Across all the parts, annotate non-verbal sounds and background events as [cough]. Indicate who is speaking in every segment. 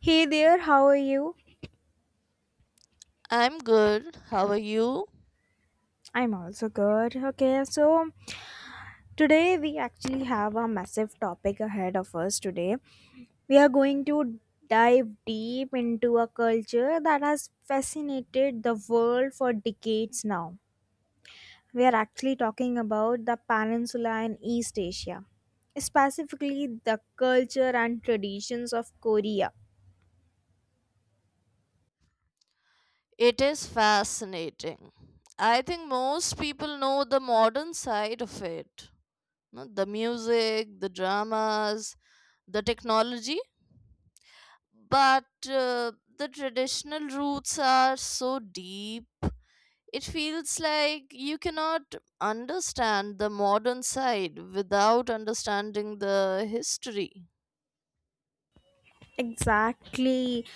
Speaker 1: Hey there, how are you?
Speaker 2: I'm good. How are you?
Speaker 1: I'm also good. Okay, so today we actually have a massive topic ahead of us today. We are going to dive deep into a culture that has fascinated the world for decades now. We are actually talking about the peninsula in East Asia, specifically the culture and traditions of Korea.
Speaker 2: It is fascinating. I think most people know the modern side of it no, the music, the dramas, the technology. But the traditional roots are so deep. It feels like you cannot understand the modern side without understanding the history.
Speaker 1: Exactly.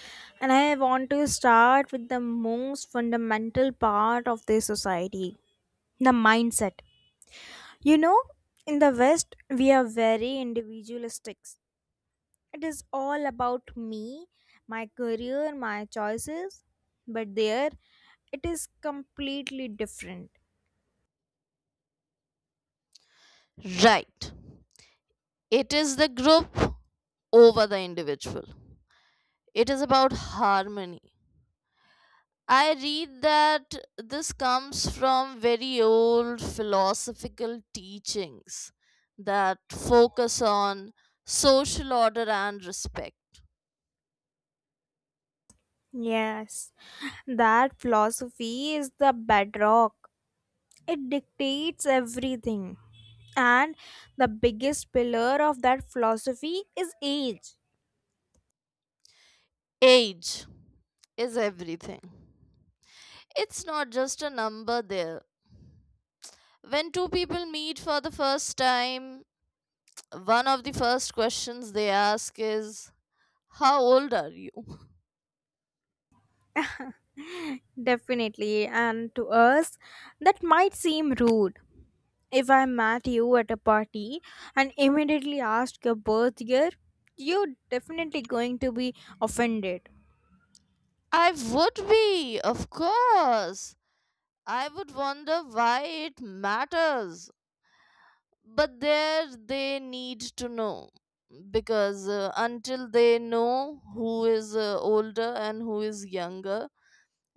Speaker 1: And I want to start with the most fundamental part of this society, the mindset. You know, in the West, we are very individualistic. It is all about me, my career, my choices. But there, it is completely different.
Speaker 2: Right. It is the group over the individual. It is about harmony. I read that this comes from very old philosophical teachings that focus on social order and respect.
Speaker 1: Yes, that philosophy is the bedrock, it dictates everything. And the biggest pillar of that philosophy is age.
Speaker 2: Age is everything. It's not just a number there. When two people meet for the first time, one of the first questions they ask is, how old are you?
Speaker 1: [laughs] Definitely, and to us that might seem rude. If I met you at a party and immediately asked your birth year, you're definitely going to be offended.
Speaker 2: I would be, of course. I would wonder why it matters. But there they need to know. Because until they know who is older and who is younger,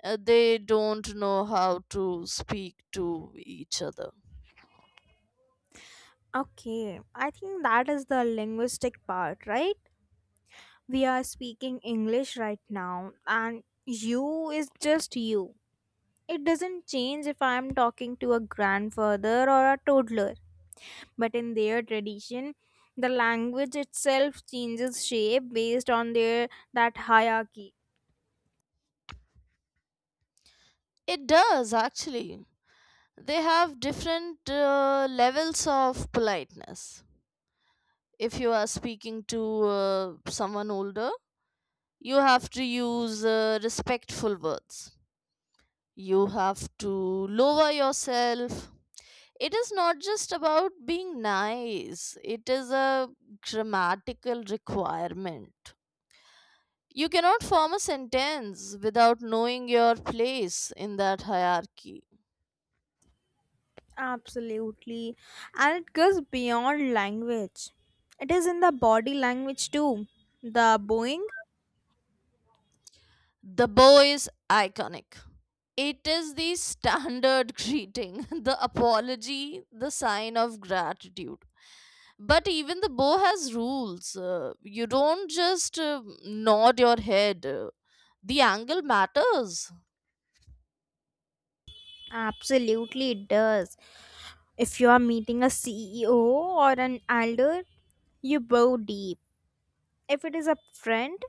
Speaker 2: they don't know how to speak to each other.
Speaker 1: Okay, I think that is the linguistic part, right? We are speaking English right now and you is just you. It doesn't change if I'm talking to a grandfather or a toddler, but in their tradition, the language itself changes shape based on their that hierarchy.
Speaker 2: It does actually. They have different levels of politeness. If you are speaking to someone older, you have to use respectful words. You have to lower yourself. It is not just about being nice, it is a grammatical requirement. You cannot form a sentence without knowing your place in that hierarchy.
Speaker 1: Absolutely. And it goes beyond language. It is in the body language too. The bowing?
Speaker 2: The bow is iconic. It is the standard [laughs] greeting, the apology, the sign of gratitude. But even the bow has rules. You don't just nod your head, the angle matters.
Speaker 1: Absolutely it does. If you are meeting a CEO or an elder, you bow deep. If it is a friend,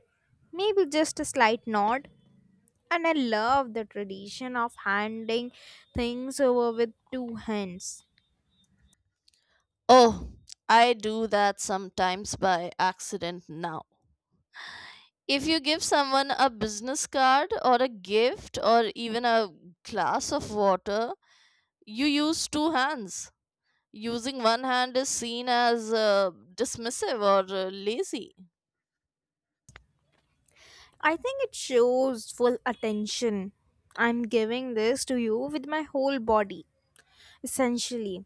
Speaker 1: maybe just a slight nod. And I love the tradition of handing things over with two hands.
Speaker 2: Oh, I do that sometimes by accident now. If you give someone a business card or a gift or even a glass of water, you use two hands. Using one hand is seen as dismissive or lazy.
Speaker 1: I think it shows full attention. I'm giving this to you with my whole body, essentially.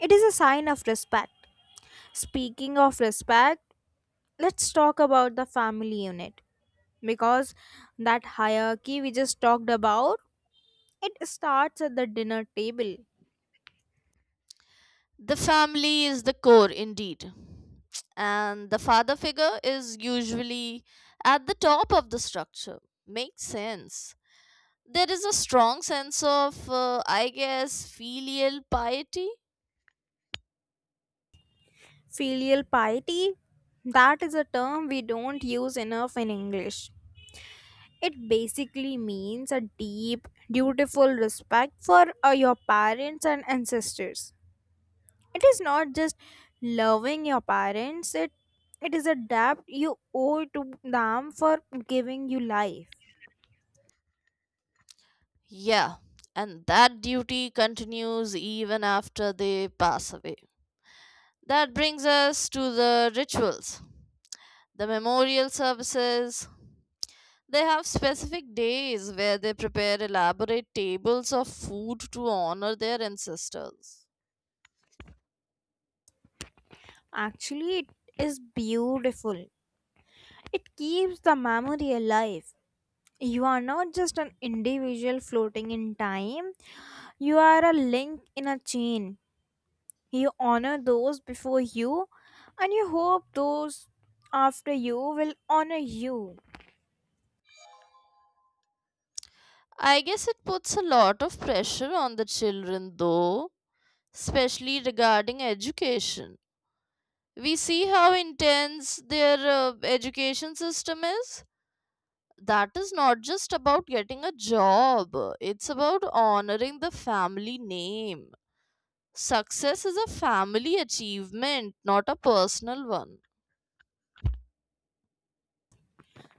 Speaker 1: It is a sign of respect. Speaking of respect, let's talk about the family unit. Because that hierarchy we just talked about, it starts at the dinner table.
Speaker 2: The family is the core indeed. And the father figure is usually at the top of the structure. Makes sense. There is a strong sense of, I guess, filial piety.
Speaker 1: Filial piety, that is a term we don't use enough in English. It basically means a deep, dutiful respect for your parents and ancestors. It is not just loving your parents, it is a debt you owe to them for giving you life.
Speaker 2: Yeah, and that duty continues even after they pass away. That brings us to the rituals, the memorial services. They have specific days where they prepare elaborate tables of food to honor their ancestors.
Speaker 1: Actually, it is beautiful. It keeps the memory alive. You are not just an individual floating in time, you are a link in a chain. You honor those before you, and you hope those after you will honor you.
Speaker 2: I guess it puts a lot of pressure on the children, though, especially regarding education. We see how intense their education system is. That is not just about getting a job, it's about honoring the family name. Success is a family achievement, not a personal one.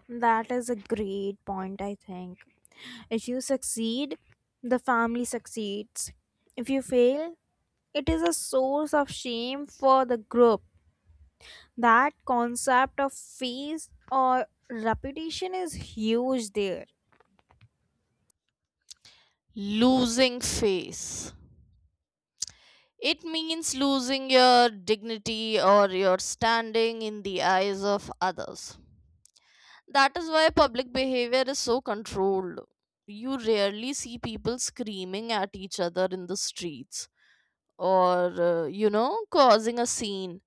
Speaker 1: That is a great point, I think. If you succeed, the family succeeds. If you fail, it is a source of shame for the group. That concept of face or reputation is huge there.
Speaker 2: Losing face. It means losing your dignity or your standing in the eyes of others. That is why public behavior is so controlled. You rarely see people screaming at each other in the streets or, causing a scene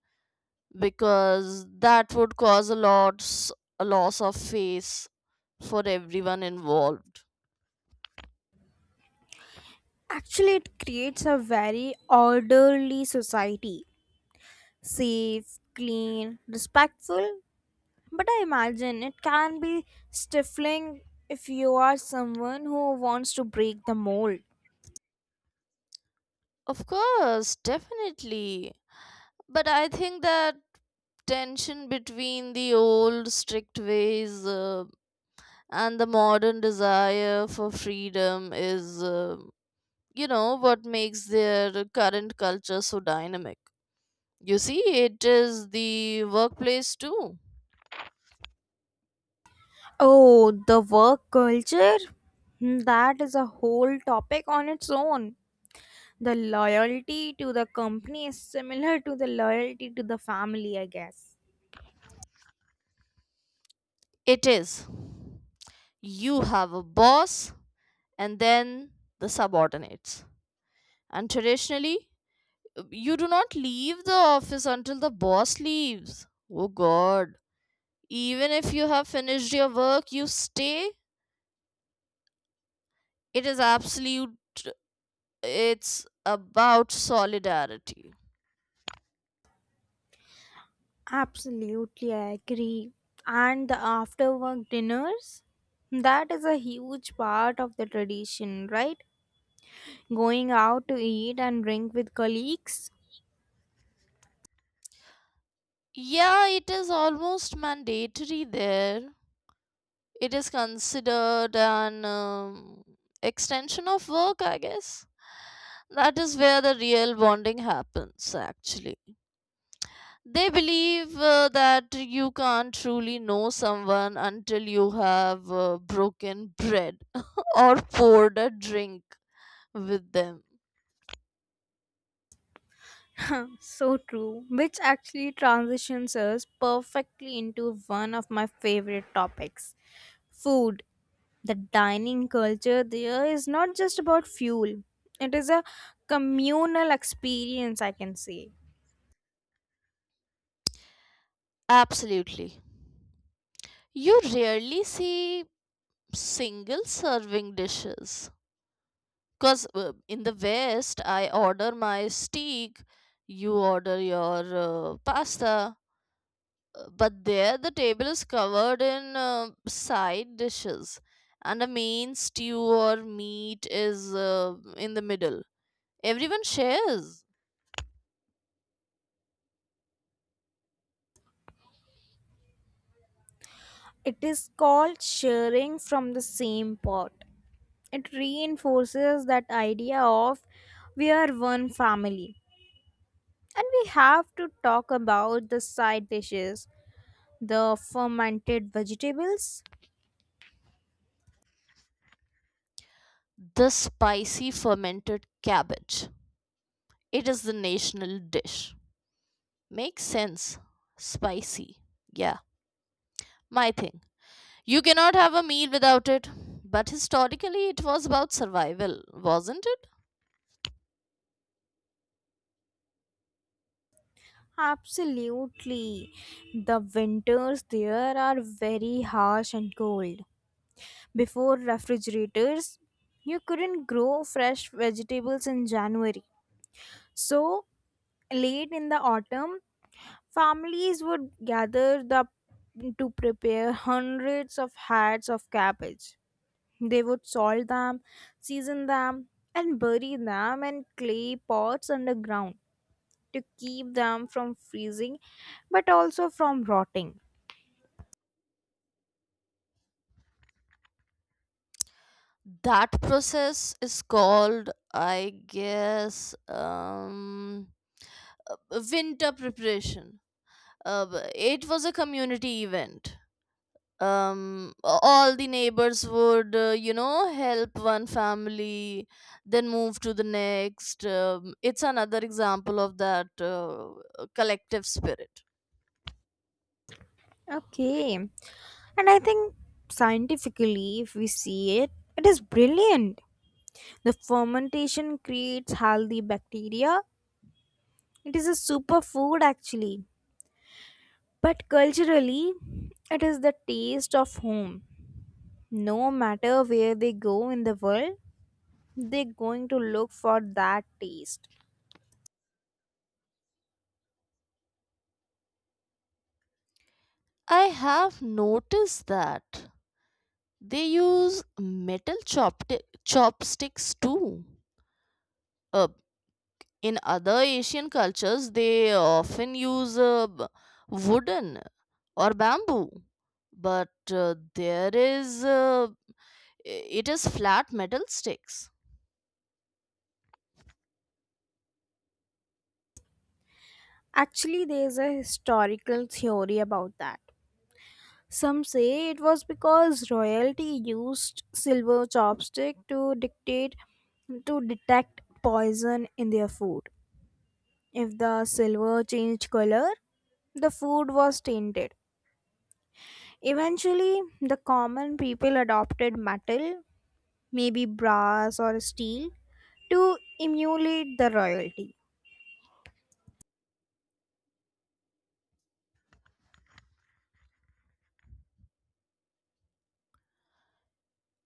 Speaker 2: because that would cause a loss of face for everyone involved.
Speaker 1: Actually, it creates a very orderly society, safe, clean, respectful. But I imagine it can be stifling if you are someone who wants to break the mold.
Speaker 2: Of course, definitely. But I think that tension between the old strict ways and the modern desire for freedom is, what makes their current culture so dynamic. You see, it is the workplace too.
Speaker 1: Oh, the work culture? That is a whole topic on its own. The loyalty to the company is similar to the loyalty to the family, I guess.
Speaker 2: It is. You have a boss and then the subordinates. And traditionally, you do not leave the office until the boss leaves. Oh God, even if you have finished your work you stay. It is absolute. It's about solidarity.
Speaker 1: Absolutely, I agree. And the after work dinners? That is a huge part of the tradition, right? Going out to eat and drink with colleagues.
Speaker 2: Yeah, it is almost mandatory there. It is considered an extension of work, I guess. That is where the real bonding happens actually. They believe that you can't truly know someone until you have broken bread [laughs] or poured a drink with them.
Speaker 1: [laughs] So true, which actually transitions us perfectly into one of my favorite topics, food. The dining culture there is not just about fuel, it is a communal experience, I can say.
Speaker 2: Absolutely. You rarely see single serving dishes. Because in the West, I order my steak, you order your pasta, but there the table is covered in side dishes, and a main stew or meat is in the middle. Everyone shares
Speaker 1: It is called sharing from the same pot. It reinforces that idea of we are one family. And we have to talk about the side dishes, the fermented vegetables.
Speaker 2: the spicy fermented cabbage. It is the national dish. Makes sense. Spicy. Yeah, my thing. You cannot have a meal without it. But historically, it was about survival, wasn't it?
Speaker 1: Absolutely. The winters there are very harsh and cold. Before refrigerators, you couldn't grow fresh vegetables in January. So, late in the autumn, families would gather the to prepare hundreds of heads of cabbage. They would salt them, season them, and bury them in clay pots underground to keep them from freezing but also from rotting.
Speaker 2: That process is called, I guess, uh, winter preparation. It was a community event. All the neighbors would help one family then move to the next. It's another example of that collective spirit.
Speaker 1: Okay. And I think scientifically, if we see it, it is brilliant. The fermentation creates healthy bacteria. It is a superfood actually. But culturally, it is the taste of home. No matter where they go in the world, they're going to look for that taste.
Speaker 2: I have noticed that they use chopsticks too. uh, in other Asian cultures they often use wooden or bamboo, but there is it is flat metal sticks.
Speaker 1: Actually, there's a historical theory about that. Some say it was because royalty used silver chopstick to dictate to detect poison in their food. If the silver changed color, the food was tainted. Eventually, the common people adopted metal, maybe brass or steel, to emulate the royalty.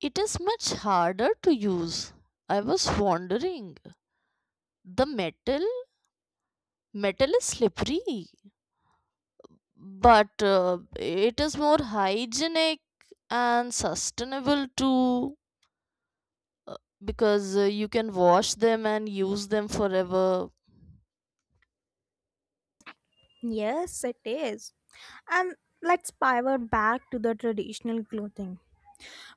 Speaker 2: It is much harder to use. I was wondering. The metal is slippery, but it is more hygienic and sustainable too, uh, because you can wash them and use them forever.
Speaker 1: Yes, it is. And let's pivot back to the traditional clothing.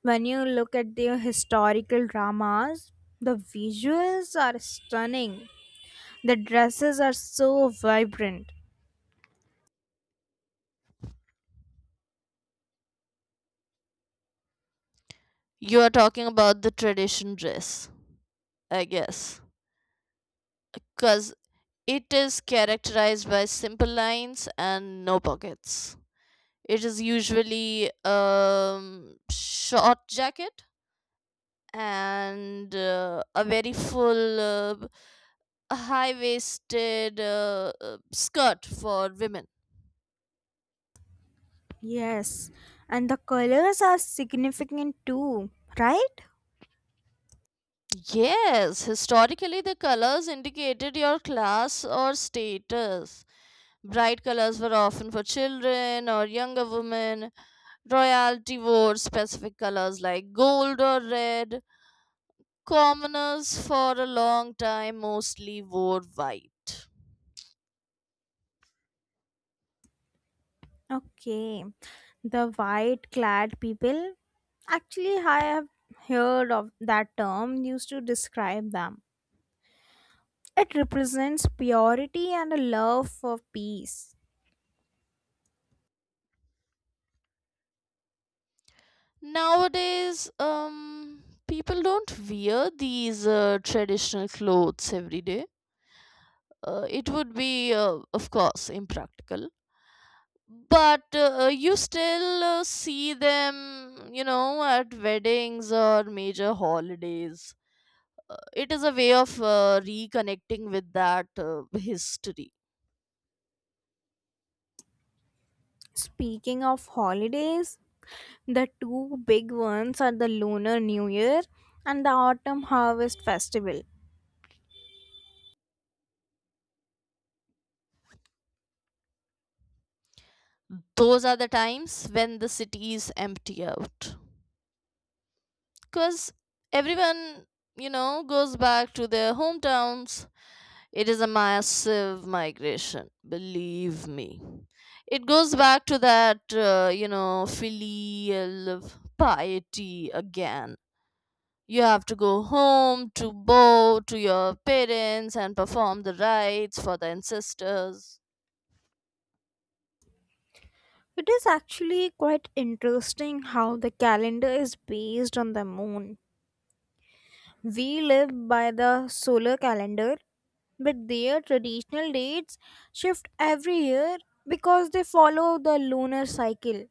Speaker 1: When you look at the historical dramas, the visuals are stunning. The dresses are so vibrant.
Speaker 2: You are talking about the tradition dress, I guess, because it is characterized by simple lines and no pockets. It is usually short jacket and a very full high waisted skirt for women.
Speaker 1: Yes, and the colors are significant too, right?
Speaker 2: Yes, historically the colors indicated your class or status. Bright colors were often for children or younger women. Royalty wore specific colors like gold or red. Commoners for a long time mostly wore white.
Speaker 1: Okay, the white clad people. Actually, I have heard of that term used to describe them. It represents purity and a love for peace.
Speaker 2: Nowadays, people don't wear these traditional clothes every day. It would be, of course, impractical. But you still see them, you know, at weddings or major holidays. It is a way of reconnecting with that history.
Speaker 1: Speaking of holidays, the two big ones are the Lunar New Year and the Autumn Harvest Festival.
Speaker 2: Those are the times when the city is empty out, because everyone, you know, goes back to their hometowns. It is a massive migration, believe me. It goes back to that, filial piety again. You have to go home to bow to your parents and perform the rites for the ancestors.
Speaker 1: It is actually quite interesting how the calendar is based on the moon. We live by the solar calendar, but their traditional dates shift every year because they follow the lunar cycle.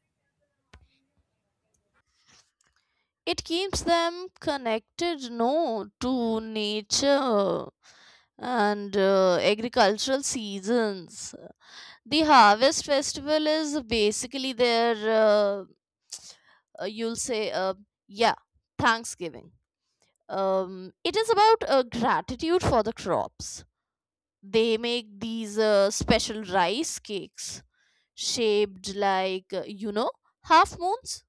Speaker 2: It keeps them connected no to nature and agricultural seasons. The harvest festival is basically their, you'll say, yeah, thanksgiving. It is about gratitude for the crops. They make these special rice cakes shaped like, half moons.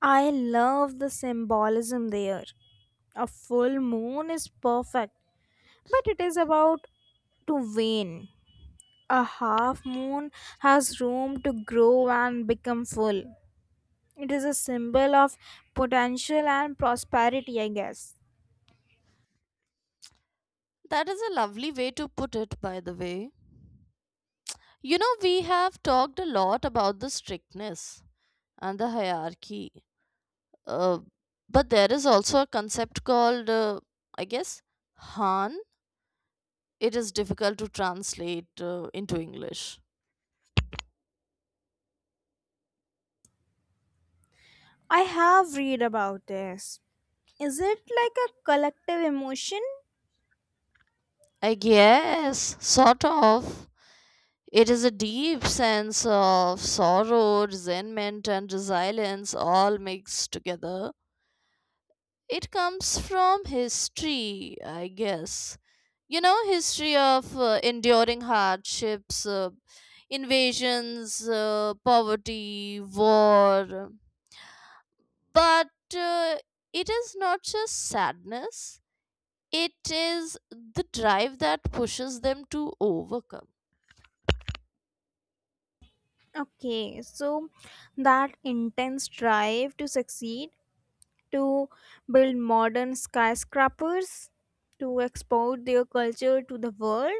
Speaker 1: I love the symbolism there. A full moon is perfect, but it is about to wane. A half moon has room to grow and become full. It is a symbol of potential and prosperity, I guess.
Speaker 2: That is a lovely way to put it, by the way. You know, we have talked a lot about the strictness and the hierarchy, uh, but there is also a concept called, I guess, Han. It is difficult to translate into English.
Speaker 1: I have read about this. Is it like a collective emotion?
Speaker 2: I guess, sort of. It is a deep sense of sorrow, resentment, and resilience all mixed together. It comes from history, I guess. You know, history of enduring hardships, invasions, poverty, war. But uh, it is not just sadness, it is the drive that pushes them to overcome.
Speaker 1: Okay, so that intense drive to succeed, to build modern skyscrapers, to export their culture to the world,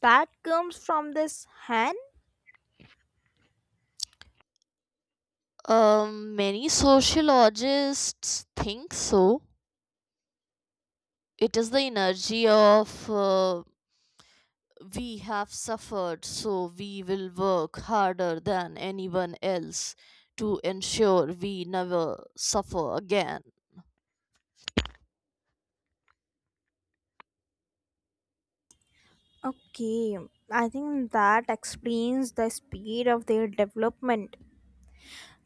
Speaker 1: that comes from this hand.
Speaker 2: Many sociologists think so. It is the energy of, we have suffered, so we will work harder than anyone else to ensure we never suffer again.
Speaker 1: Okay, I think that explains the speed of their development.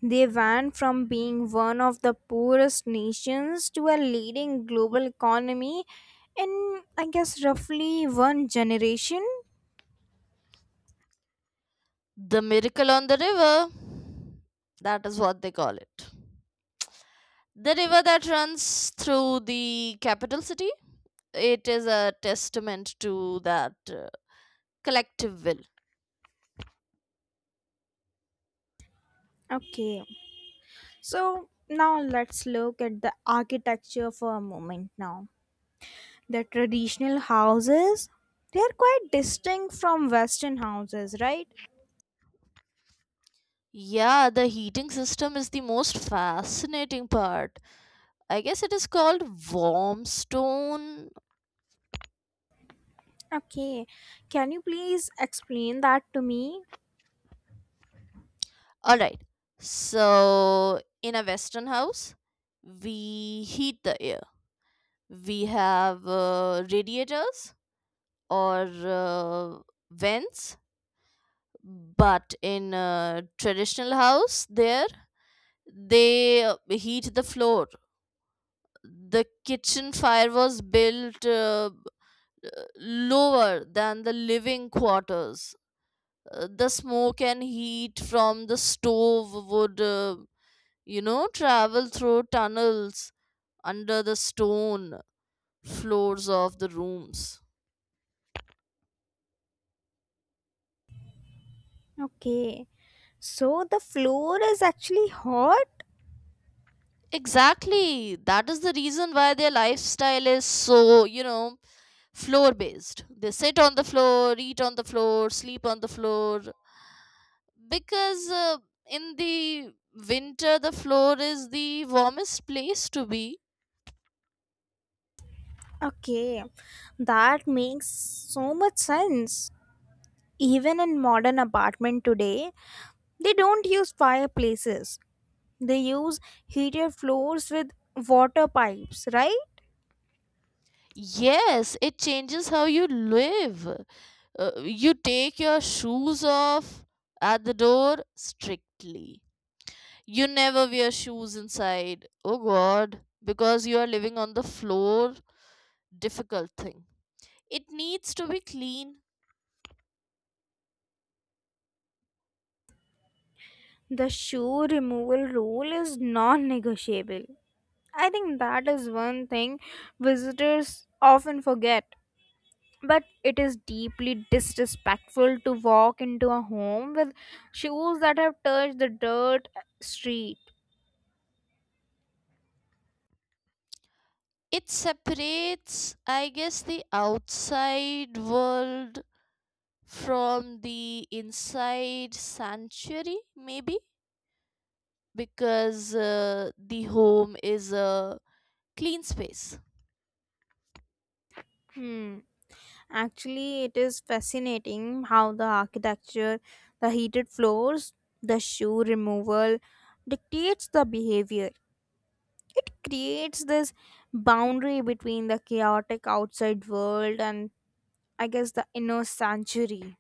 Speaker 1: They went from being one of the poorest nations to a leading global economy in, I guess, roughly one generation.
Speaker 2: The miracle on the river, that is what they call it. The river that runs through the capital city, it is a testament to that collective will.
Speaker 1: Okay, so now let's look at the architecture for a moment now. The traditional houses, they are quite distinct from Western houses, right?
Speaker 2: Yeah, the heating system is the most fascinating part. I guess it is called warm stone.
Speaker 1: Okay, can you please explain that to me?
Speaker 2: All right. So in a Western house, we heat the air. We have radiators or vents, but in a traditional house, there they heat the floor. The kitchen fire was built uh, lower than the living quarters. The smoke and heat from the stove would, travel through tunnels under the stone floors of the rooms.
Speaker 1: Okay, so the floor is actually hot?
Speaker 2: Exactly. That is the reason why their lifestyle is so, you know, floor based. They sit on the floor, eat on the floor, sleep on the floor. Because in the winter, the floor is the warmest place to be.
Speaker 1: Okay, that makes so much sense. Even in modern apartment today, they don't use fireplaces. They use heated floors with water pipes, right?
Speaker 2: Yes, it changes how you live. You take your shoes off at the door strictly. You never wear shoes inside. Oh god, because you are living on the floor. Difficult thing. It needs to be clean.
Speaker 1: The shoe removal rule is non-negotiable. I think that is one thing visitors often forget. But it is deeply disrespectful to walk into a home with shoes that have touched the dirt street.
Speaker 2: It separates, I guess, the outside world from the inside sanctuary, maybe, because the home is a clean space.
Speaker 1: Hmm. Actually, it is fascinating how the architecture, the heated floors, the shoe removal dictates the behavior. It creates this boundary between the chaotic outside world and I guess the inner sanctuary.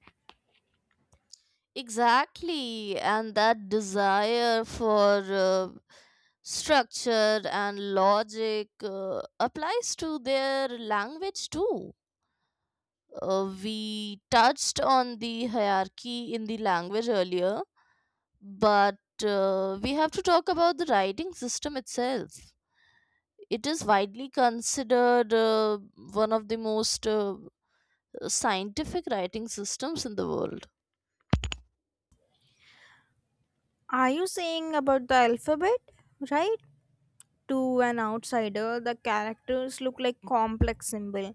Speaker 2: Exactly, and that desire for structure and logic applies to their language too. We touched on the hierarchy in the language earlier, but we have to talk about the writing system itself. It is widely considered one of the most scientific writing systems in the world.
Speaker 1: Are you saying about the alphabet, right? To an outsider, the characters look like complex symbol.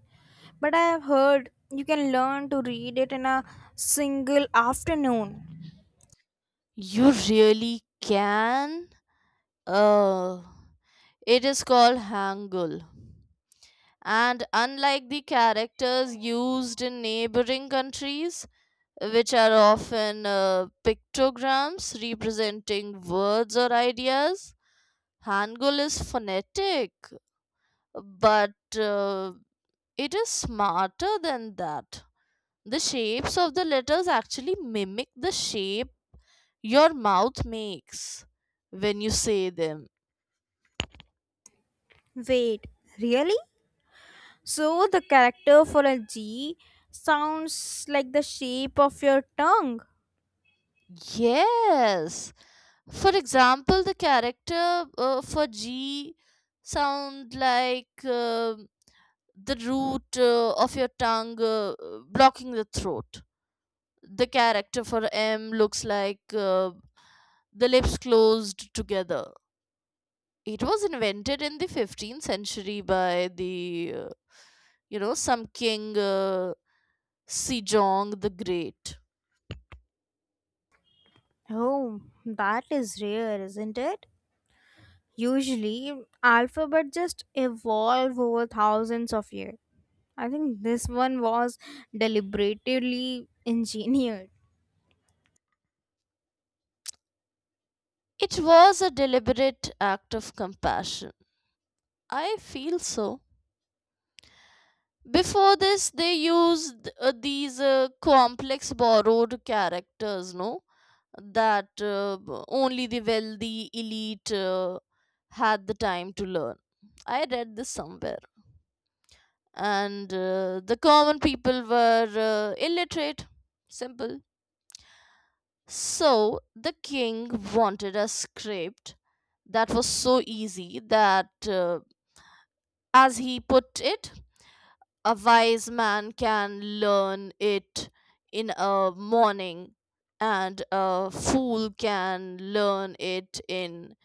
Speaker 1: But I have heard you can learn to read it in a single afternoon.
Speaker 2: You really can. Oh, it is called Hangul. And unlike the characters used in neighboring countries, which are often pictograms representing words or ideas, Hangul is phonetic, but uh, it is smarter than that. The shapes of the letters actually mimic the shape your mouth makes when you say them.
Speaker 1: Wait, really? So the character for a G sounds like the shape of your tongue.
Speaker 2: Yes. For example, the character for G sound like the root of your tongue blocking the throat. The character for M looks like the lips closed together. It was invented in the 15th century by the, some king Sejong the Great.
Speaker 1: Oh, that is rare, isn't it? Usually, alphabet just evolve over thousands of years. I think this one was deliberately [laughs] engineered.
Speaker 2: It was a deliberate act of compassion. I feel so. Before this, they used these complex borrowed characters, no? That only the wealthy elite had the time to learn. I read this somewhere. And the common people were illiterate. Simple. So the king wanted a script that was so easy that, as he put it, a wise man can learn it in a morning, and a fool can learn it in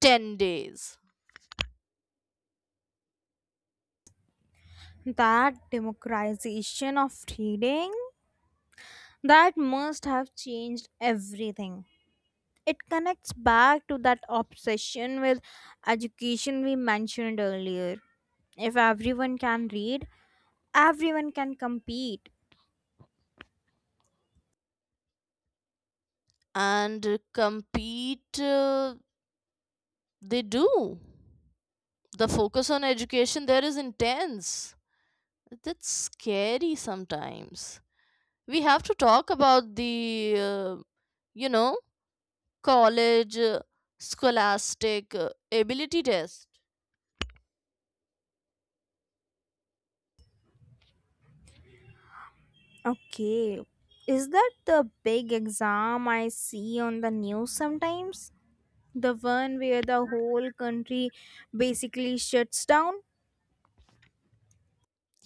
Speaker 2: 10 days.
Speaker 1: That democratization of reading, that must have changed everything. It connects back to that obsession with education we mentioned earlier. If everyone can read, everyone can compete.
Speaker 2: And compete, they do. The focus on education there is intense. That's scary sometimes. We have to talk about the, you know, college scholastic ability test.
Speaker 1: Okay. Is that the big exam I see on the news sometimes? The one where the whole country basically shuts down?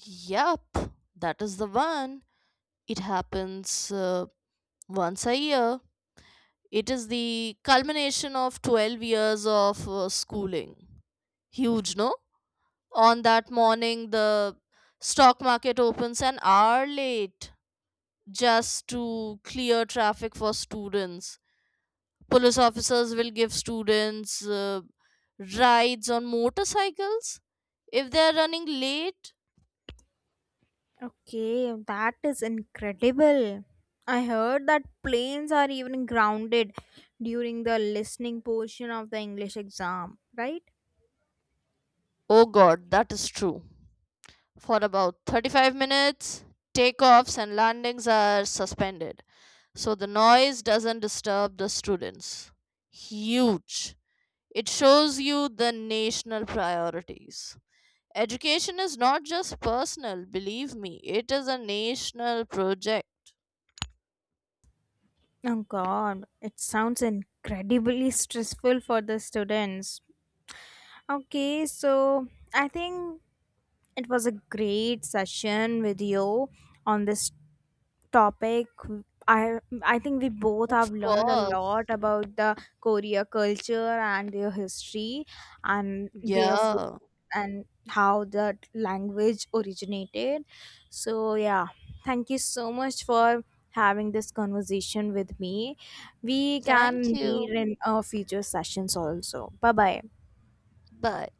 Speaker 2: Yup, that is the one. It happens once a year. It is the culmination of 12 years of schooling. Huge, no? On that morning, the stock market opens an hour late just to clear traffic for students. Police officers will give students rides on motorcycles if they are running late.
Speaker 1: Okay, that is incredible. I heard that planes are even grounded during the listening portion of the English exam, right?
Speaker 2: Oh, God, that is true. For about 35 minutes. Takeoffs and landings are suspended, so the noise doesn't disturb the students. Huge. It shows you the national priorities. Education is not just personal, believe me, it is a national project.
Speaker 1: Oh god, it sounds incredibly stressful for the students. Okay, so I think it was a great session with you on this topic. I i think we both
Speaker 2: Of
Speaker 1: have learned a lot
Speaker 2: course.
Speaker 1: about the korea culture and their history, and their food,
Speaker 2: Yeah.
Speaker 1: and how the language originated. So yeah, thank you so much for having this conversation with me. We
Speaker 2: Thank
Speaker 1: can meet
Speaker 2: you.
Speaker 1: in future sessions also. Bye bye.
Speaker 2: Bye.